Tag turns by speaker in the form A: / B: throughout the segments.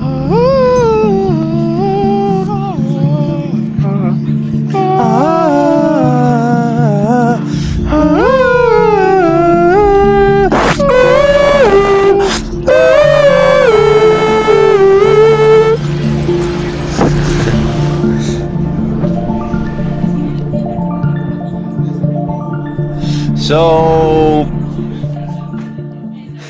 A: Yo,
B: so,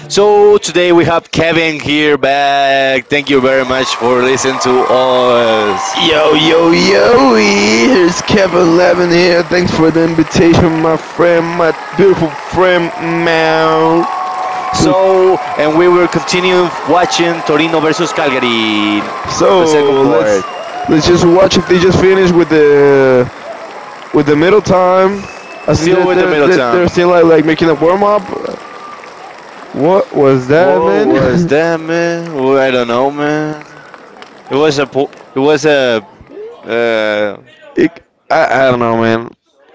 B: so today we have Kevin here back. Thank you very much for listening to us.
A: yo, here's Kevin Levin here. Thanks for the invitation, my friend, my beautiful friend, man. So,
B: And we will continue watching Torino versus Calgary, the second
A: So let's
B: part.
A: just watch if they just finish with the middle time. I think
B: Still
A: they're
B: with the
A: they're they're, they're
B: Middleton.
A: still like making a warm up. What was that,
B: What was
A: man?
B: that, man? Well, I don't know, man. It was a, po- it was a, uh,
A: it, I don't know, man.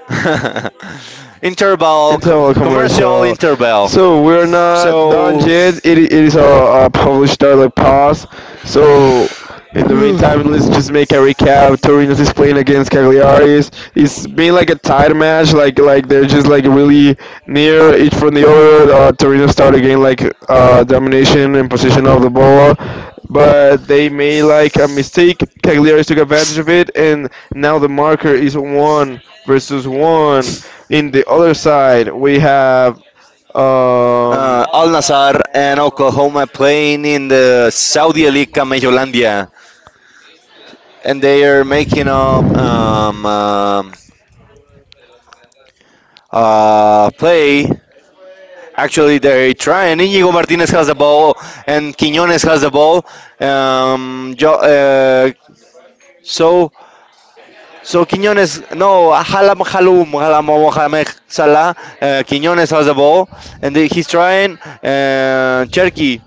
A: Interval.
B: commercial
A: Commercial.
B: interval.
A: So we're not done
B: So,
A: yet. It is a published dialogue pause. So in the meantime, let's just make a recap. Torino's is playing against Cagliari's. It's been like a tight match. Like they're just like really near each from the other. Torino started again like domination and possession of the ball, but they made like a mistake. Cagliari's took advantage of it, and now the marker is one versus one. In the other side, we have um,
B: Al Nassr and Oklahoma playing in the Saudi League Camellandia, and they are making up play. Actually, they're trying. Inigo Martinez has the ball, and Quiñones has the ball. Um, jo- uh, so, so Quiñones, no, Halam Mohamed Salah. Quiñones has the ball, and he's trying. Uh, Cherky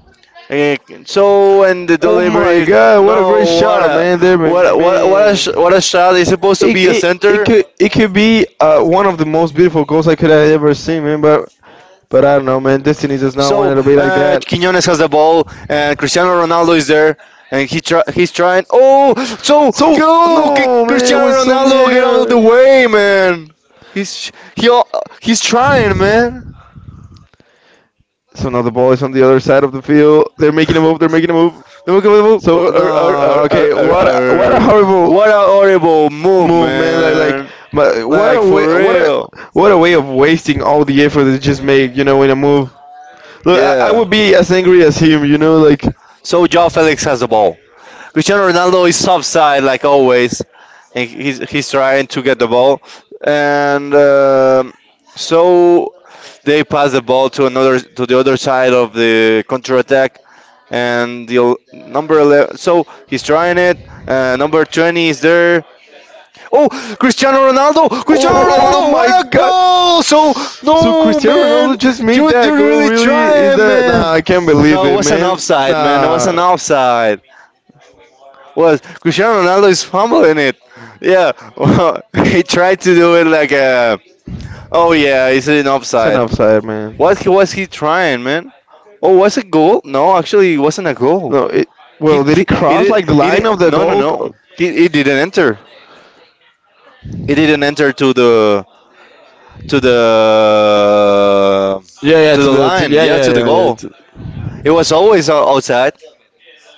B: Eh, so and the
A: oh my
B: delivery,
A: God! What a great
B: no, what
A: shot,
B: a
A: man! There,
B: what
A: man.
B: a- what a- what a sh- what a shot, is supposed to
A: It,
B: be a
A: it it
B: center.
A: could be one of the most beautiful goals I could have ever seen, man. But I don't know, man. Destiny does not
B: So
A: want it to be like that.
B: Quiñones has the ball and Cristiano Ronaldo is there, and he's trying. Oh, so
A: So
B: go
A: no,
B: get,
A: man, it
B: Cristiano
A: was so
B: Ronaldo, get out of
A: near.
B: the way, man. he's he al- he's trying, man.
A: So now the ball is on the other side of the field. They're making a move. They're making a move.
B: The move,
A: So no, okay. What a, what a
B: er.
A: horrible
B: what a horrible move,
A: move, man.
B: man.
A: But
B: Like, for real.
A: what a way of wasting all the effort they just made. You know, in a move. Look, I
B: Yeah.
A: would be as angry as him. You know, like
B: So João Felix has the ball. Cristiano Ronaldo is soft side like always. And he's trying to get the ball, and so they pass the ball to another to the other side of the counter attack. And number 11, so he's trying it. Number 20 is there. Oh, Cristiano Ronaldo! Cristiano
A: oh
B: Ronaldo!
A: my
B: What a
A: god!
B: goal! So
A: So
B: no,
A: Cristiano
B: man,
A: Ronaldo just made
B: you
A: that goal.
B: really
A: Really?
B: try
A: Is
B: it,
A: that? Nah, I
B: man.
A: can't believe
B: No, it was an
A: man.
B: offside, man. It was
A: Nah,
B: an offside, was Cristiano Ronaldo's fumble in it. Yeah, well, he tried to do it like a. Oh yeah, it's an
A: it's an offside.
B: offside.
A: Offside, man.
B: What he was he trying, man? Oh, was it goal? No, actually, it wasn't a goal.
A: No, it. Well, did
B: He
A: it
B: it
A: cross
B: it,
A: like the line
B: it
A: of the
B: no no
A: goal?
B: no. He, it didn't enter. It didn't enter to the to the
A: Yeah, yeah,
B: to the
A: the
B: line.
A: yeah,
B: Yeah,
A: yeah,
B: to the
A: yeah, yeah, oh,
B: goal. It was always outside.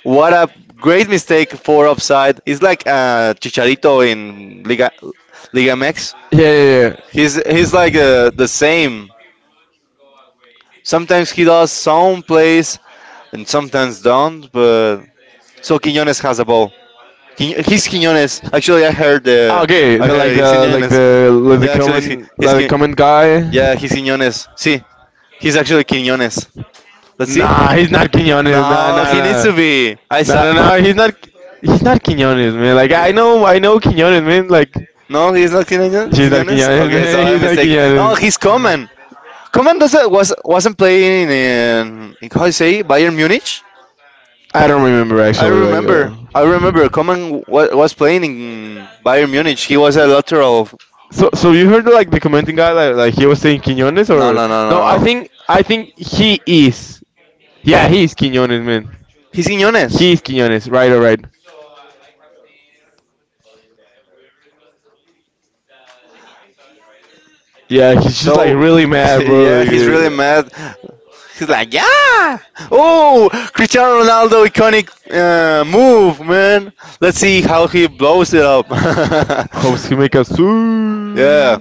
B: What a great mistake for offside. It's like Chicharito in Liga MX.
A: yeah, yeah, yeah.
B: He's like the same. Sometimes he does some plays and sometimes don't. But so Quiñones has a ball. He's Quiñones. Actually, I heard
A: Ah,
B: the.
A: okay,
B: I
A: the like
B: heard he's
A: the like
B: Quiñones.
A: the
B: Yeah, actually,
A: like the comment guy.
B: Yeah, he's Quiñones. See, he's actually Quiñones. Let's see.
A: Nah, he's not Quinones. Nah,
B: No,
A: nah,
B: he needs
A: nah.
B: to be. I
A: No,
B: saw.
A: no, no. He's not. He's not Quinones, man. Like I know Quinones, man. Like
B: No, he's not
A: he's not
B: Quiñones.
A: Quinones.
B: Quiñones. Okay, so
A: Man,
B: I
A: he's not
B: mistake. Oh,
A: Quinones.
B: he's Coman. Coman doesn't was wasn't playing in how you say, Bayern Munich.
A: I don't remember
B: I
A: actually. Like.
B: remember.
A: Uh,
B: I remember Coman was playing in Bayern Munich. He was a lateral.
A: so, so you heard like the commenting guy like he was saying Quinones
B: No,
A: or
B: no, no,
A: no?
B: no, no.
A: I think he is. Yeah, he is Quinones, man.
B: He's Quiñones.
A: He is Quinones. Right, all right. Yeah, he's just like
B: So,
A: really mad, bro.
B: yeah, he's really
A: Like,
B: mad. He's like, yeah. Oh, Cristiano Ronaldo iconic move, man. Let's see how he blows it up.
A: how's he make a yeah,
B: Yeah.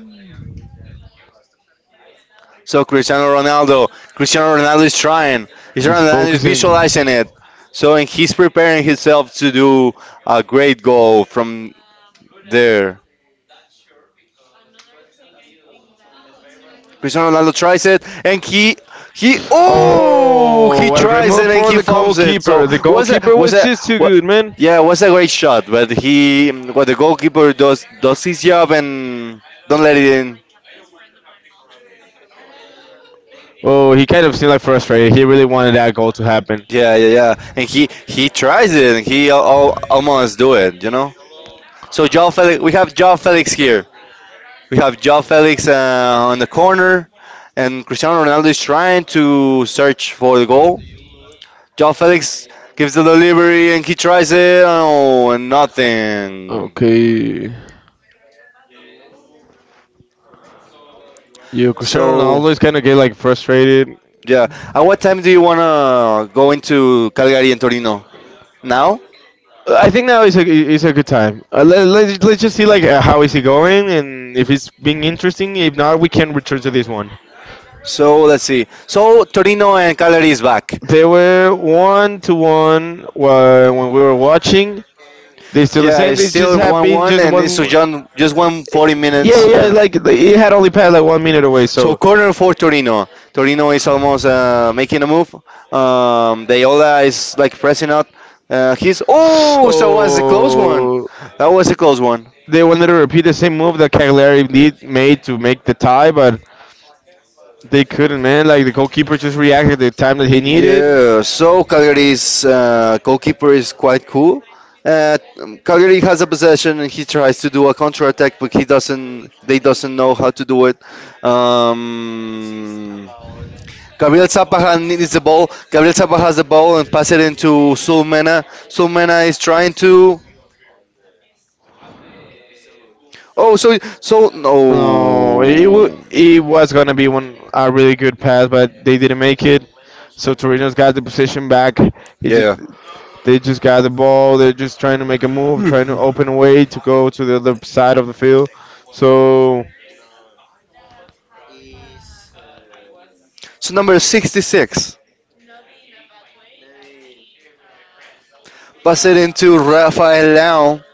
B: So Cristiano Ronaldo, Cristiano Ronaldo is trying. Cristiano Ronaldo is visualizing it. So and he's preparing himself to do a great goal from there. Cristiano Ronaldo tries it and
A: oh, oh,
B: he
A: what
B: tries it and he
A: the
B: fumbles it. So
A: goalkeeper. The goalkeeper
B: was
A: was
B: it
A: too
B: what?
A: good, man.
B: Yeah, it was a great shot, but he what the goalkeeper does his job and don't let it in.
A: Oh, he kind of seemed like frustrated. He really wanted that goal to happen.
B: Yeah, yeah, yeah. And he tries it and he almost do it. You know. So Joe Felix, we have Joe Felix here. We have Joe Felix on the corner, and Cristiano Ronaldo is trying to search for the goal. Joe Felix gives the delivery, and he tries it, oh, and nothing.
A: Okay. You Cristiano
B: So
A: Ronaldo is kind of get like frustrated.
B: yeah, at what time do you wanna go into Calgary and Torino now?
A: I think now is a good time. Let's just see like how is he going and if it's being interesting. If not, we can return to this one.
B: So let's see. So Torino and Calgary is back.
A: They were one to one when we were watching. They still the
B: Yeah,
A: same.
B: it's
A: They just
B: still
A: have been
B: one-one,
A: just
B: and it's
A: one.
B: just one forty
A: Yeah,
B: minutes.
A: yeah. Like it had only passed like 1 minute away.
B: So
A: So.
B: corner for Torino. Torino is almost making a move. Deola is like pressing out. So was a close one.
A: Oh.
B: That was a close one.
A: They wanted to repeat the same move that Cagliari did made to make the tie, but they couldn't, man. Like the goalkeeper just reacted the time that he needed.
B: Yeah, so Calgary's goalkeeper is quite cool. Uh, Calgary has a possession and he tries to do a counter attack, but he doesn't. They doesn't know how to do it. Um, Gabriel Zapaja needs the ball. Gabriel Zapaja has the ball and pass it into Sulmena. Sulmena is trying to. Oh,
A: No,
B: no.
A: it was gonna be one a really good pass, but they didn't make it. So Torino's got the position back. He just
B: Yeah.
A: yeah, they just got the ball. They're just trying to make a move, trying to open a way to go to the other side of the field. So
B: So number 66. Pass it into Rafael Leão.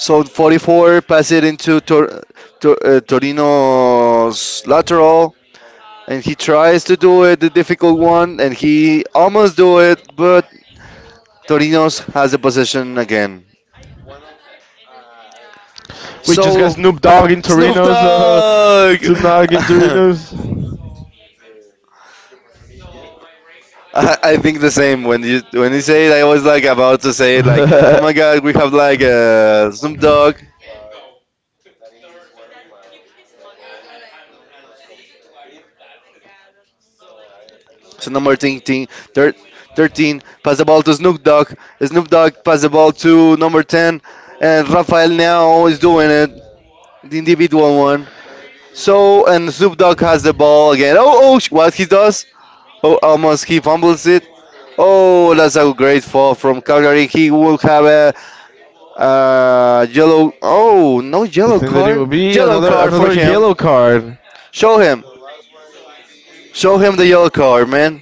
B: So 44 pass it into Torino's lateral, and he tries to do it, the difficult one, and he almost do it, but Torino's has the possession again.
A: we just got
B: So
A: Snoop Dogg in
B: Snoop
A: Torino's.
B: Dogg.
A: Snoop Dogg in Torino's. I,
B: I think the same when you say it. I was like about to say it, like, oh my God, we
A: the
B: have like a Snoop Dogg. So number 13, thir- 13 pass the ball to Snoop Dogg. Snoop Dogg pass the ball to number 10, and Rafael now is doing it, the individual one. So and Snoop Dogg has the ball again. Oh oh, what he does? Oh, almost he fumbles it. Oh, that's a great fall from Calgary. He will have a yellow. Oh, no yellow
A: thing that it will
B: card.
A: be
B: Yellow card for
A: another
B: him.
A: yellow card.
B: Show him. Show him the yellow card, man.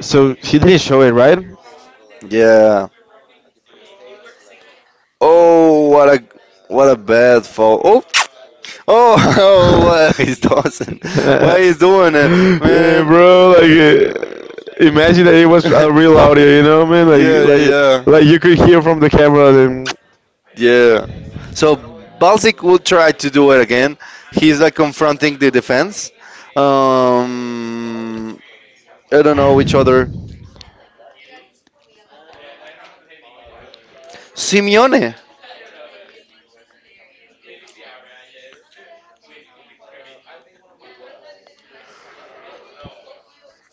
A: So he didn't show it, right?
B: Yeah. Oh, what a bad fall. Oh, oh, oh, what he's tossing. Why he's doing it,
A: Yeah,
B: man?
A: bro, like imagine that it was a real audio, you know, man.
B: Yeah,
A: Like,
B: yeah,
A: like
B: yeah.
A: you could hear from the camera. Then,
B: Yeah. So Balzic will try to do it again. He's like confronting the defense. Um, I don't know which other. Simeone.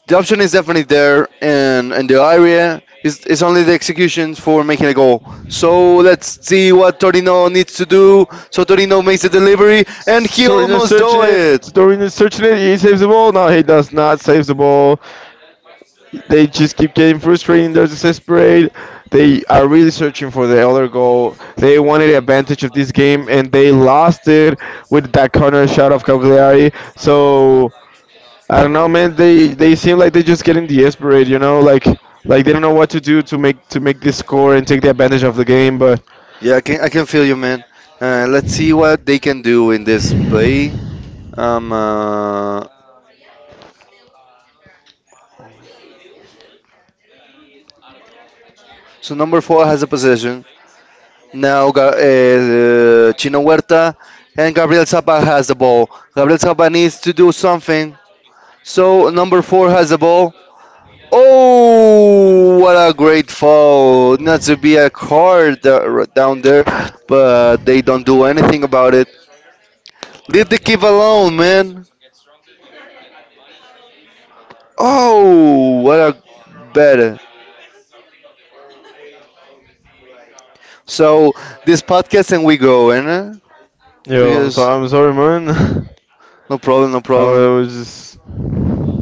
B: The option is definitely there, and in the area is only the executions for making a goal. So let's see what Torino needs to do. So Torino makes the delivery and he
A: Torino
B: almost
A: searching
B: do it.
A: it. Torino searching it. He saves the ball. No, he does not save the ball. They just keep getting frustrated. They're desperate. They are really searching for the other goal. They wanted advantage of this game and they lost it with that corner shot of Cagliari. So I don't know, man. They seem like they're just getting desperate. You know, like they don't know what to do to make this score and take the advantage of the game. But
B: I can feel you, man. Let's see what they can do in this play. Um uh, so number four has a possession now. Chino Huerta and Gabriel Zappa has the ball. Gabriel Zappa needs to do something. So number four has the ball. Oh, what a great fall! Not to be a card down there, but they don't do anything about it. Leave the kid alone, man. Oh, what a bad. So this podcast and we go, and
A: yo,
B: because
A: I'm sorry, man.
B: no problem, no
A: I
B: problem.
A: was just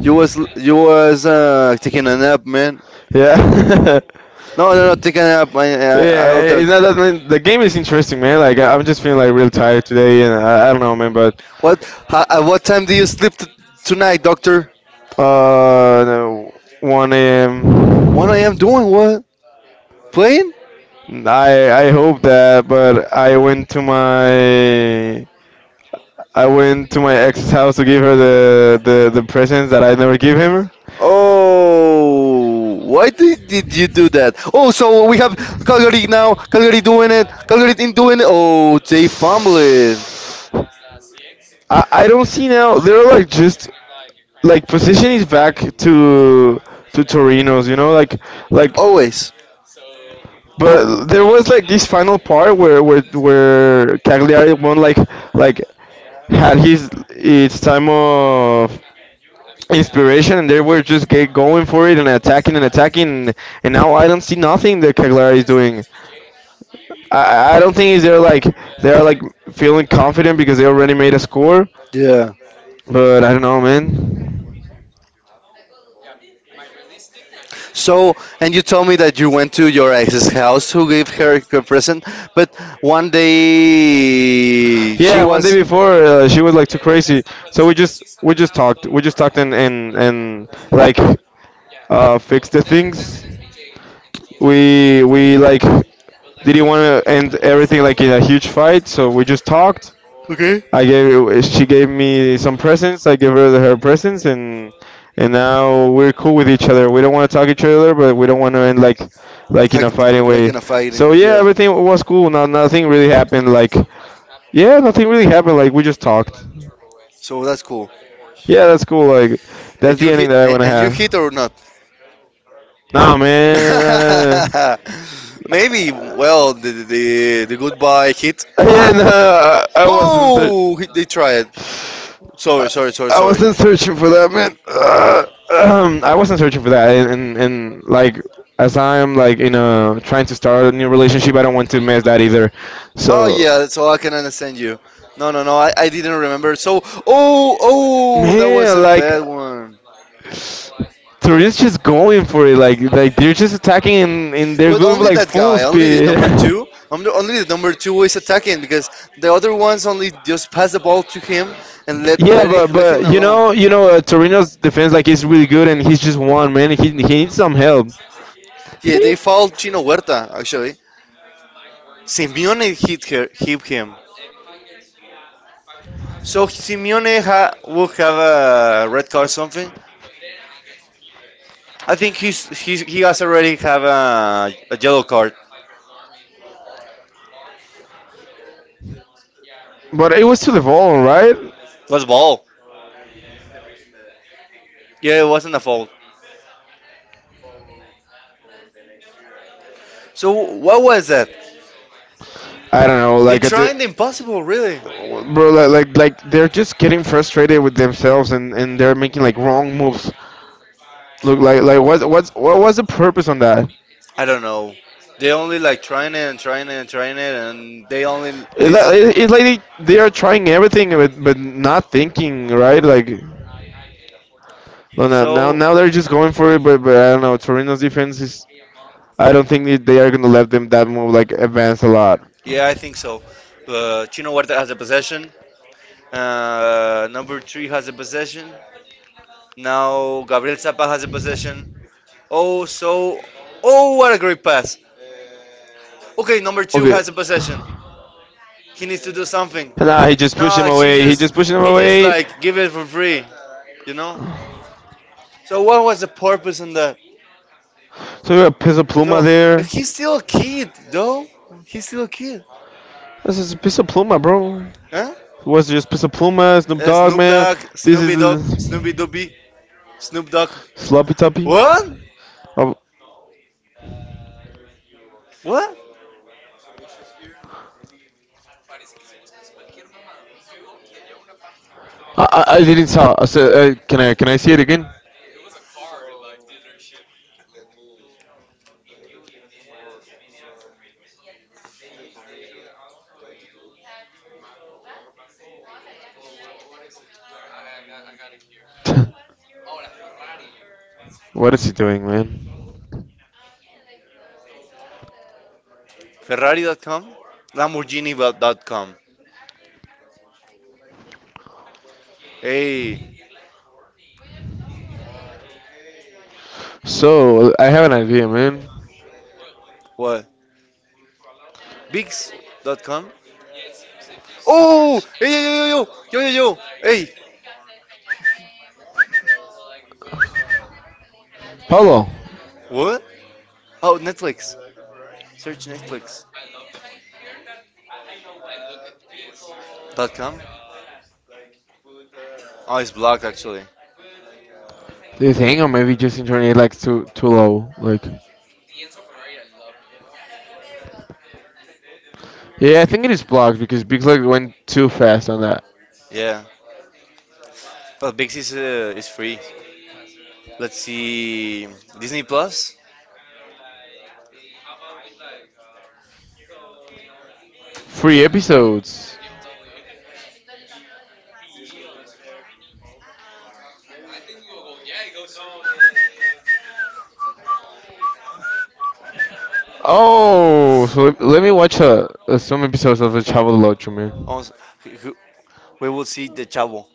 B: You was taking a nap, man.
A: yeah.
B: No, no, no, taking a nap. I'll
A: Yeah,
B: talk.
A: it's not that many. The game is interesting, man. Like I'm just feeling like real tired today, and I don't know, man. But
B: What? How, at what time do you sleep tonight, doctor?
A: no, 1
B: What I
A: a.m.
B: am doing? What playing?
A: I hope that, but I went to my ex's house to give her the presents that I never give him.
B: Oh, why did you do that? Oh, so we have Calgary now. Calgary doing it. Calgary in doing it. Oh, they fumble it.
A: I don't see now. They're like just like positioning back to Torino's, you know, like
B: Always.
A: but there was like this final part where Cagliari won like had his its time of inspiration and they were just get going for it and attacking and attacking and now I don't see nothing that Cagliari is doing. I I don't think they're like feeling confident because they already made a score.
B: Yeah.
A: But I don't know, man.
B: So, and you told me that you went to your ex's house who gave her a present, but one day she
A: Yeah, one day
B: was.
A: before she was like too crazy, so we just talked and like fixed the things. We like didn't want to end everything like in a
B: To
A: huge fight, so we just talked.
B: okay.
A: I gave She gave me some presents. I gave her her presents, and now we're cool with each other. We don't want to talk each other, but we don't want to end
B: like,
A: like in a fighting
B: like
A: way.
B: in a fighting,
A: So
B: and
A: yeah,
B: yeah.
A: everything was cool. Not nothing really happened. Like yeah, nothing really happened. Like we just talked.
B: So that's cool.
A: Yeah, that's cool. Like that's
B: And
A: the ending that I want to
B: and you hit or
A: have.
B: not?
A: Nah, man. uh,
B: Man. Maybe. Well, the goodbye hit.
A: Yeah,
B: Was. Oh, they tried. Sorry, sorry, sorry,
A: I
B: sorry.
A: wasn't searching for that, man. I wasn't searching for that, and like as I'm like you know trying to start a new relationship, I don't want to mess that either.
B: Oh
A: So
B: yeah, so I can understand you. No, no, no, I didn't remember. So, oh, oh, that was
A: man,
B: a
A: like
B: bad one.
A: Turin's just going for it, like they're just attacking and they're
B: But
A: going
B: only
A: like
B: that
A: full well,
B: guy, only the
A: speed.
B: number two, only the number two is attacking because the other ones only just pass the ball to him and
A: Yeah, but
B: let him
A: you
B: alone.
A: know Torino's defense like is really good and he's just one man. He needs some help.
B: Yeah,
A: He,
B: they fouled Chino Huerta actually. Simeone hit her, hit him. So Simeone will have a red card or something. I think he has already have a yellow card.
A: but it was to the ball, right?
B: It was ball. Yeah, it wasn't a fault. So what was that?
A: I don't know.
B: They
A: Like I it's
B: trying the impossible, really.
A: really, bro. Like they're just getting frustrated with themselves and they're making like wrong moves. Look, like what, what was the purpose on that?
B: I don't know. They only like trying it and trying it and trying it, and they only leads.
A: It's like they are trying everything, but not thinking, right? Like, no, no, now,
B: So
A: they're just going for it, but I don't know. Torino's defense is, I don't think that they are gonna let them that move like advance a lot.
B: yeah, I think so. Chino Huerta has a possession. Number three has a possession. Now Gabriel Zappa has a possession. Oh, so oh, what a great pass. Okay, number two
A: Okay.
B: has a possession. He needs to do something.
A: Nah, he just pushed him
B: No, she
A: away. He
B: just
A: just pushed him
B: he just
A: away.
B: like give it for free, you know. So what was the purpose in that?
A: So we got Pizza Pluma
B: So
A: there.
B: he's still a kid, though. He's still a kid,
A: This is Pizza Pluma, bro.
B: huh?
A: Was just Pizza Pluma, Snoop Dogg,
B: Snoop
A: man?
B: Dogg,
A: This is
B: Snoopy Dog, Snoopy Doopy, Snoop Dogg.
A: Sloppy Toppy.
B: What?
A: Oh,
B: What?
A: I didn't saw. I said, can I see it again? What is he doing, man?
B: Ferrari.com, Lamborghini.com. Hey,
A: So I have an idea, man.
B: what? Bix.com. Oh, hey, yo. Hey,
A: Paulo,
B: what? Oh, Netflix. Search Netflix. Dot com. Oh, it's blocked actually.
A: do you think or maybe Justin Turner likes too low? Like yeah, I think it is blocked because Big Lock went too fast on that.
B: Yeah, but Big is free. Let's see Disney Plus.
A: Three episodes. Oh, so let me watch some episodes of the Chavo Locho, man.
B: Oh, who- we will see the Chavo.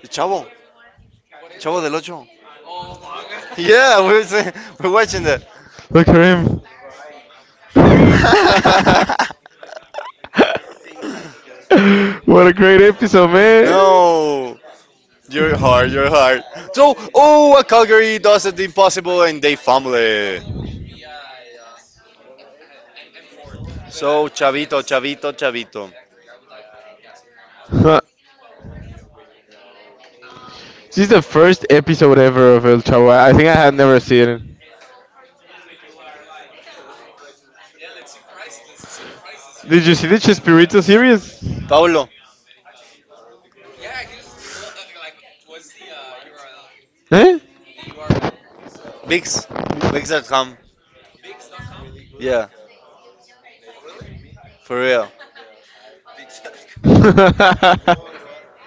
B: The Chavo. Chavo del Ocho. Yeah, we're watching that.
A: Look at him. What a great episode, man.
B: No, you're hard. You're hard. So, oh, Calgary does the impossible and they family. So, Chavito, Chavito, Chavito.
A: Huh. This is the first episode ever of El Chavo. I think I had never seen it. Did you see the Chespirito series?
B: Paolo,
A: Eh?
B: Bix, Bix at home. Yeah, for real.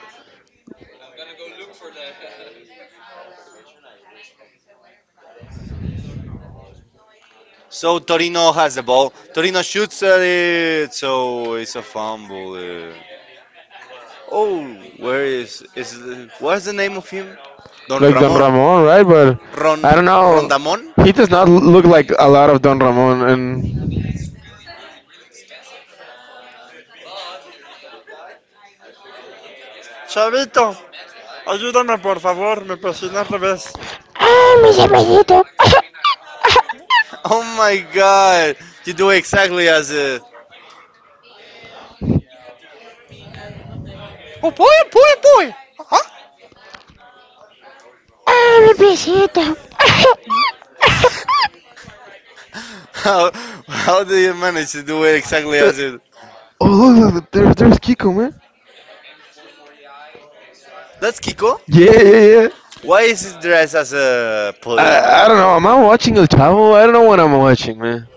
B: So Torino has the ball. Torino shoots at it. So it's a fumble. Uh. Oh, where is what's the name of him? Don
A: Like Don
B: Ramón.
A: Ramon, right? But
B: Ron
A: I don't know.
B: Rondamón.
A: He does not look like a lot of Don Ramon, and
B: Chavito, ayúdame por favor, me presioné al revés.
A: ah, mi cervecito. Ah,
B: Oh my God! You do exactly as a. ¡Oh, boy, boy, boy! Ajá.
A: mi cervecito.
B: How, how do you manage to do it
A: Uh,
B: exactly as it?
A: oh, look, look, there's Kiko, man.
B: That's Kiko.
A: Yeah, yeah, yeah.
B: Why is he dressed as a policeman?
A: I don't know. Am I watching El Chavo? I don't know what I'm watching, man.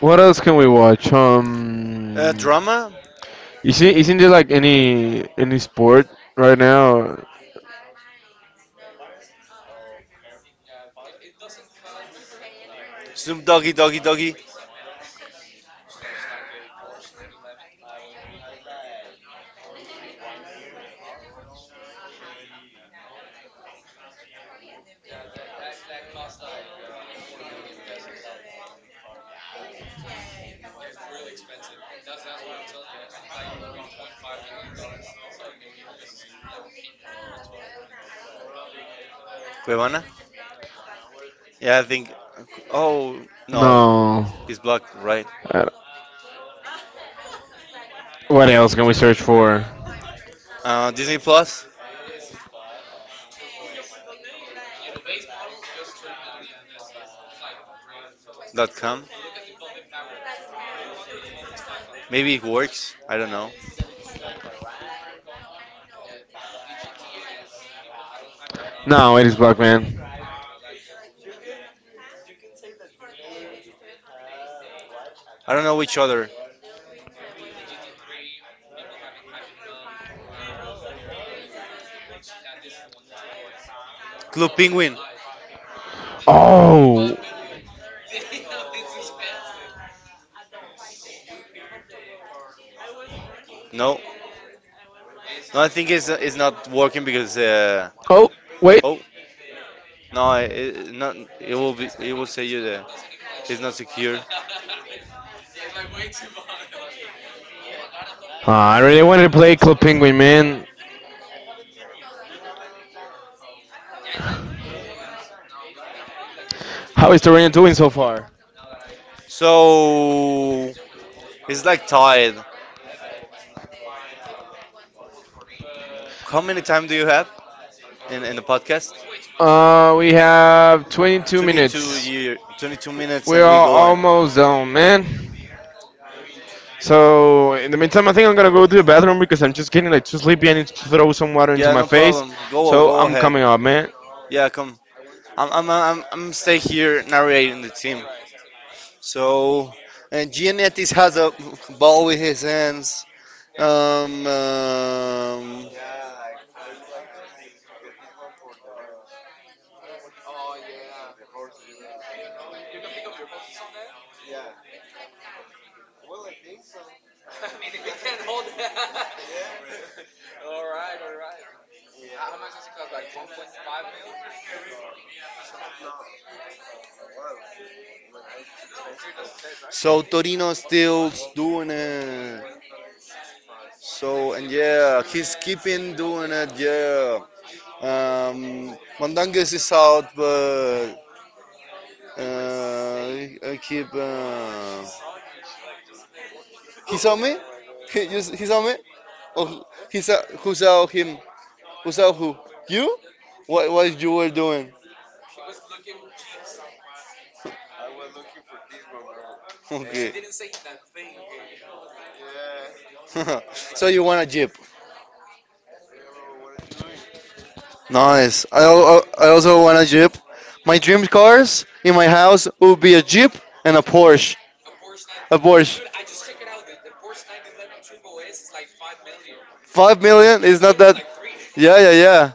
A: What else can we watch?
B: Drama?
A: Is it not there like any sport right now?
B: Snoop Doggy Doggy Doggy? Cuevana? Yeah, I think. Oh, no.
A: No.
B: It's blocked, right?
A: Uh, what else can we search for?
B: DisneyPlus.com? Maybe it works. I don't know.
A: No, it is Black Man.
B: I don't know which other. Club Penguin?
A: Oh.
B: No. No, I think it's not working because.
A: Oh, wait.
B: Oh. No, not. It will be. It will say you there. It's not secure.
A: Ah, I really wanted to play Club Penguin, man. How is Torino doing so far?
B: So it's like tied. How many time do you have in the podcast?
A: We have 22
B: 22
A: minutes.
B: year, 22 minutes,
A: We
B: and we
A: are
B: going.
A: almost done, man. So in the meantime, I think I'm gonna go to the bathroom because I'm just getting like too sleepy. I need to throw some water into
B: Yeah,
A: my
B: no
A: face.
B: problem. Go,
A: So
B: go
A: I'm
B: ahead.
A: coming up, man.
B: Yeah, come. I'm stay here narrating the team. So, and Giannettis has a ball with his hands. Um, um, so Torino still doing it. So and yeah, he's keeping doing it. Yeah. Mandangas is out, but uh, I keep. He saw me? He saw me? Oh, he saw, who saw him? Who saw who? You? What you were doing? Okay. So you want a Jeep? Nice. I also want a Jeep. My dream cars in my house would be a Jeep and a Porsche. Of course. 5 million is not that. Yeah, yeah, yeah.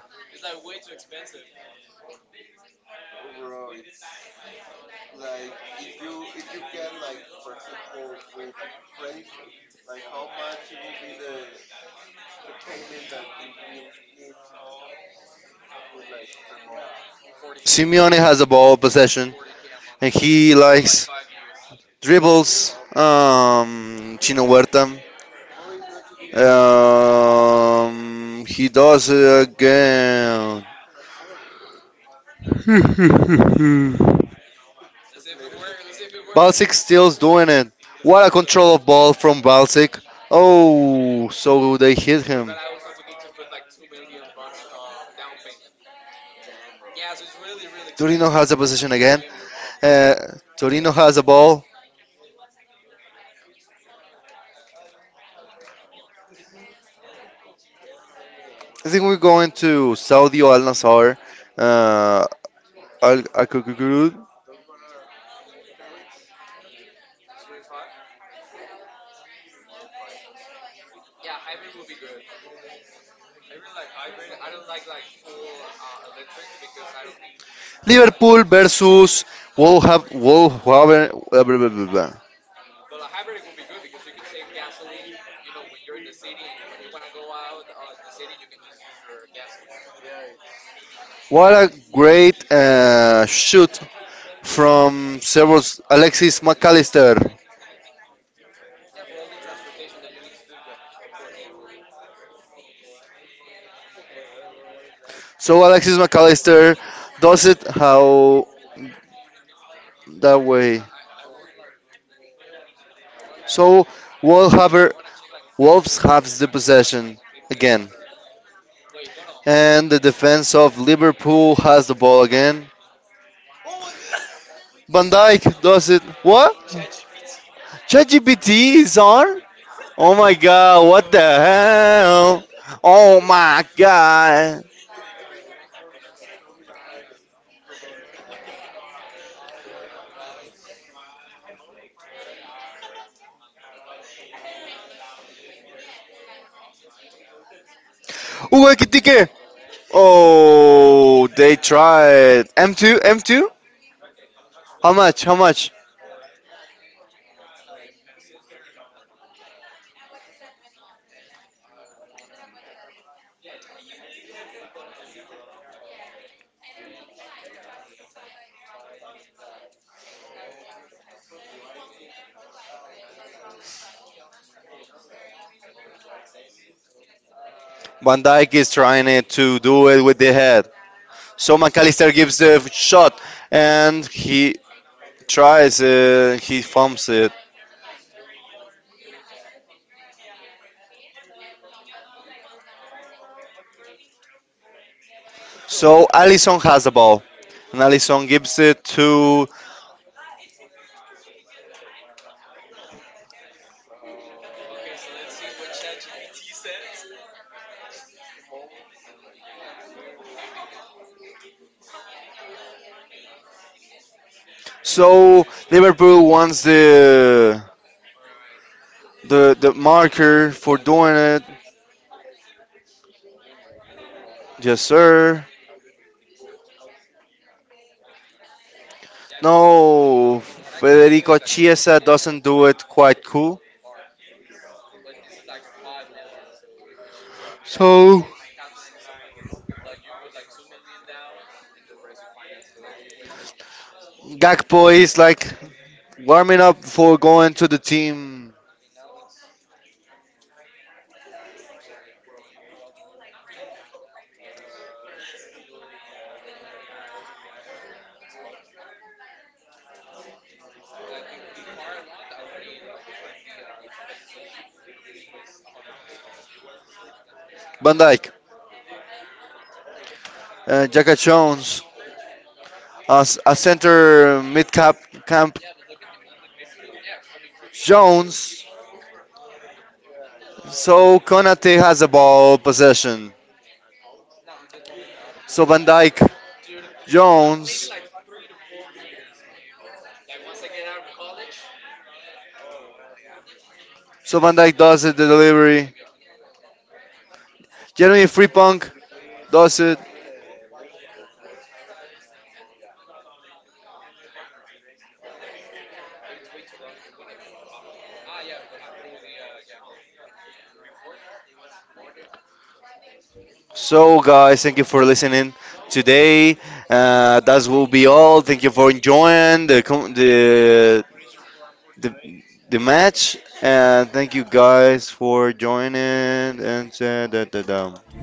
B: Simeone has a ball possession, and he likes dribbles. Chino Huerta. He does it again. Balsic still's doing it. What a control of ball from Balsic. Oh, so they hit him. Torino has a position again. Uh, Torino has a ball. I think we're going to Saudi Al Nassr. Uh, Al Al- Liverpool versus Wolverhampton. Uh, blah, blah, blah, blah. What a great shoot from several Alexis McAllister. So Alexis McAllister does it how that way. So Wolverhampton Wolves have the possession again. And the defense of Liverpool has the ball again. Van Dijk does it. What? ChatGPT is on? Oh my god, what the hell? Oh my god. Ooh, Ekitike. Oh, they tried. M2, M2? How much? How much? Van Dijk is trying it to do it with the head. So McAllister gives the shot and he tries it. He fumbles it. So Allison has the ball, and Allison gives it to. So Liverpool wants the marker for doing it. Yes, sir. No, Federico Chiesa doesn't do it quite cool. So Gakpo is like warming up for going to the team. Van Dijk, Jacka Jones, as a center mid cap camp Jones. So Konate has a ball possession. So Van Dyke Jones. So Van Dyke does it, the delivery. Jeremy Freepunk does it. So guys, thank you for listening today. That will be all. Thank you for enjoying the the, the match, and thank you guys for joining. And da, da, da.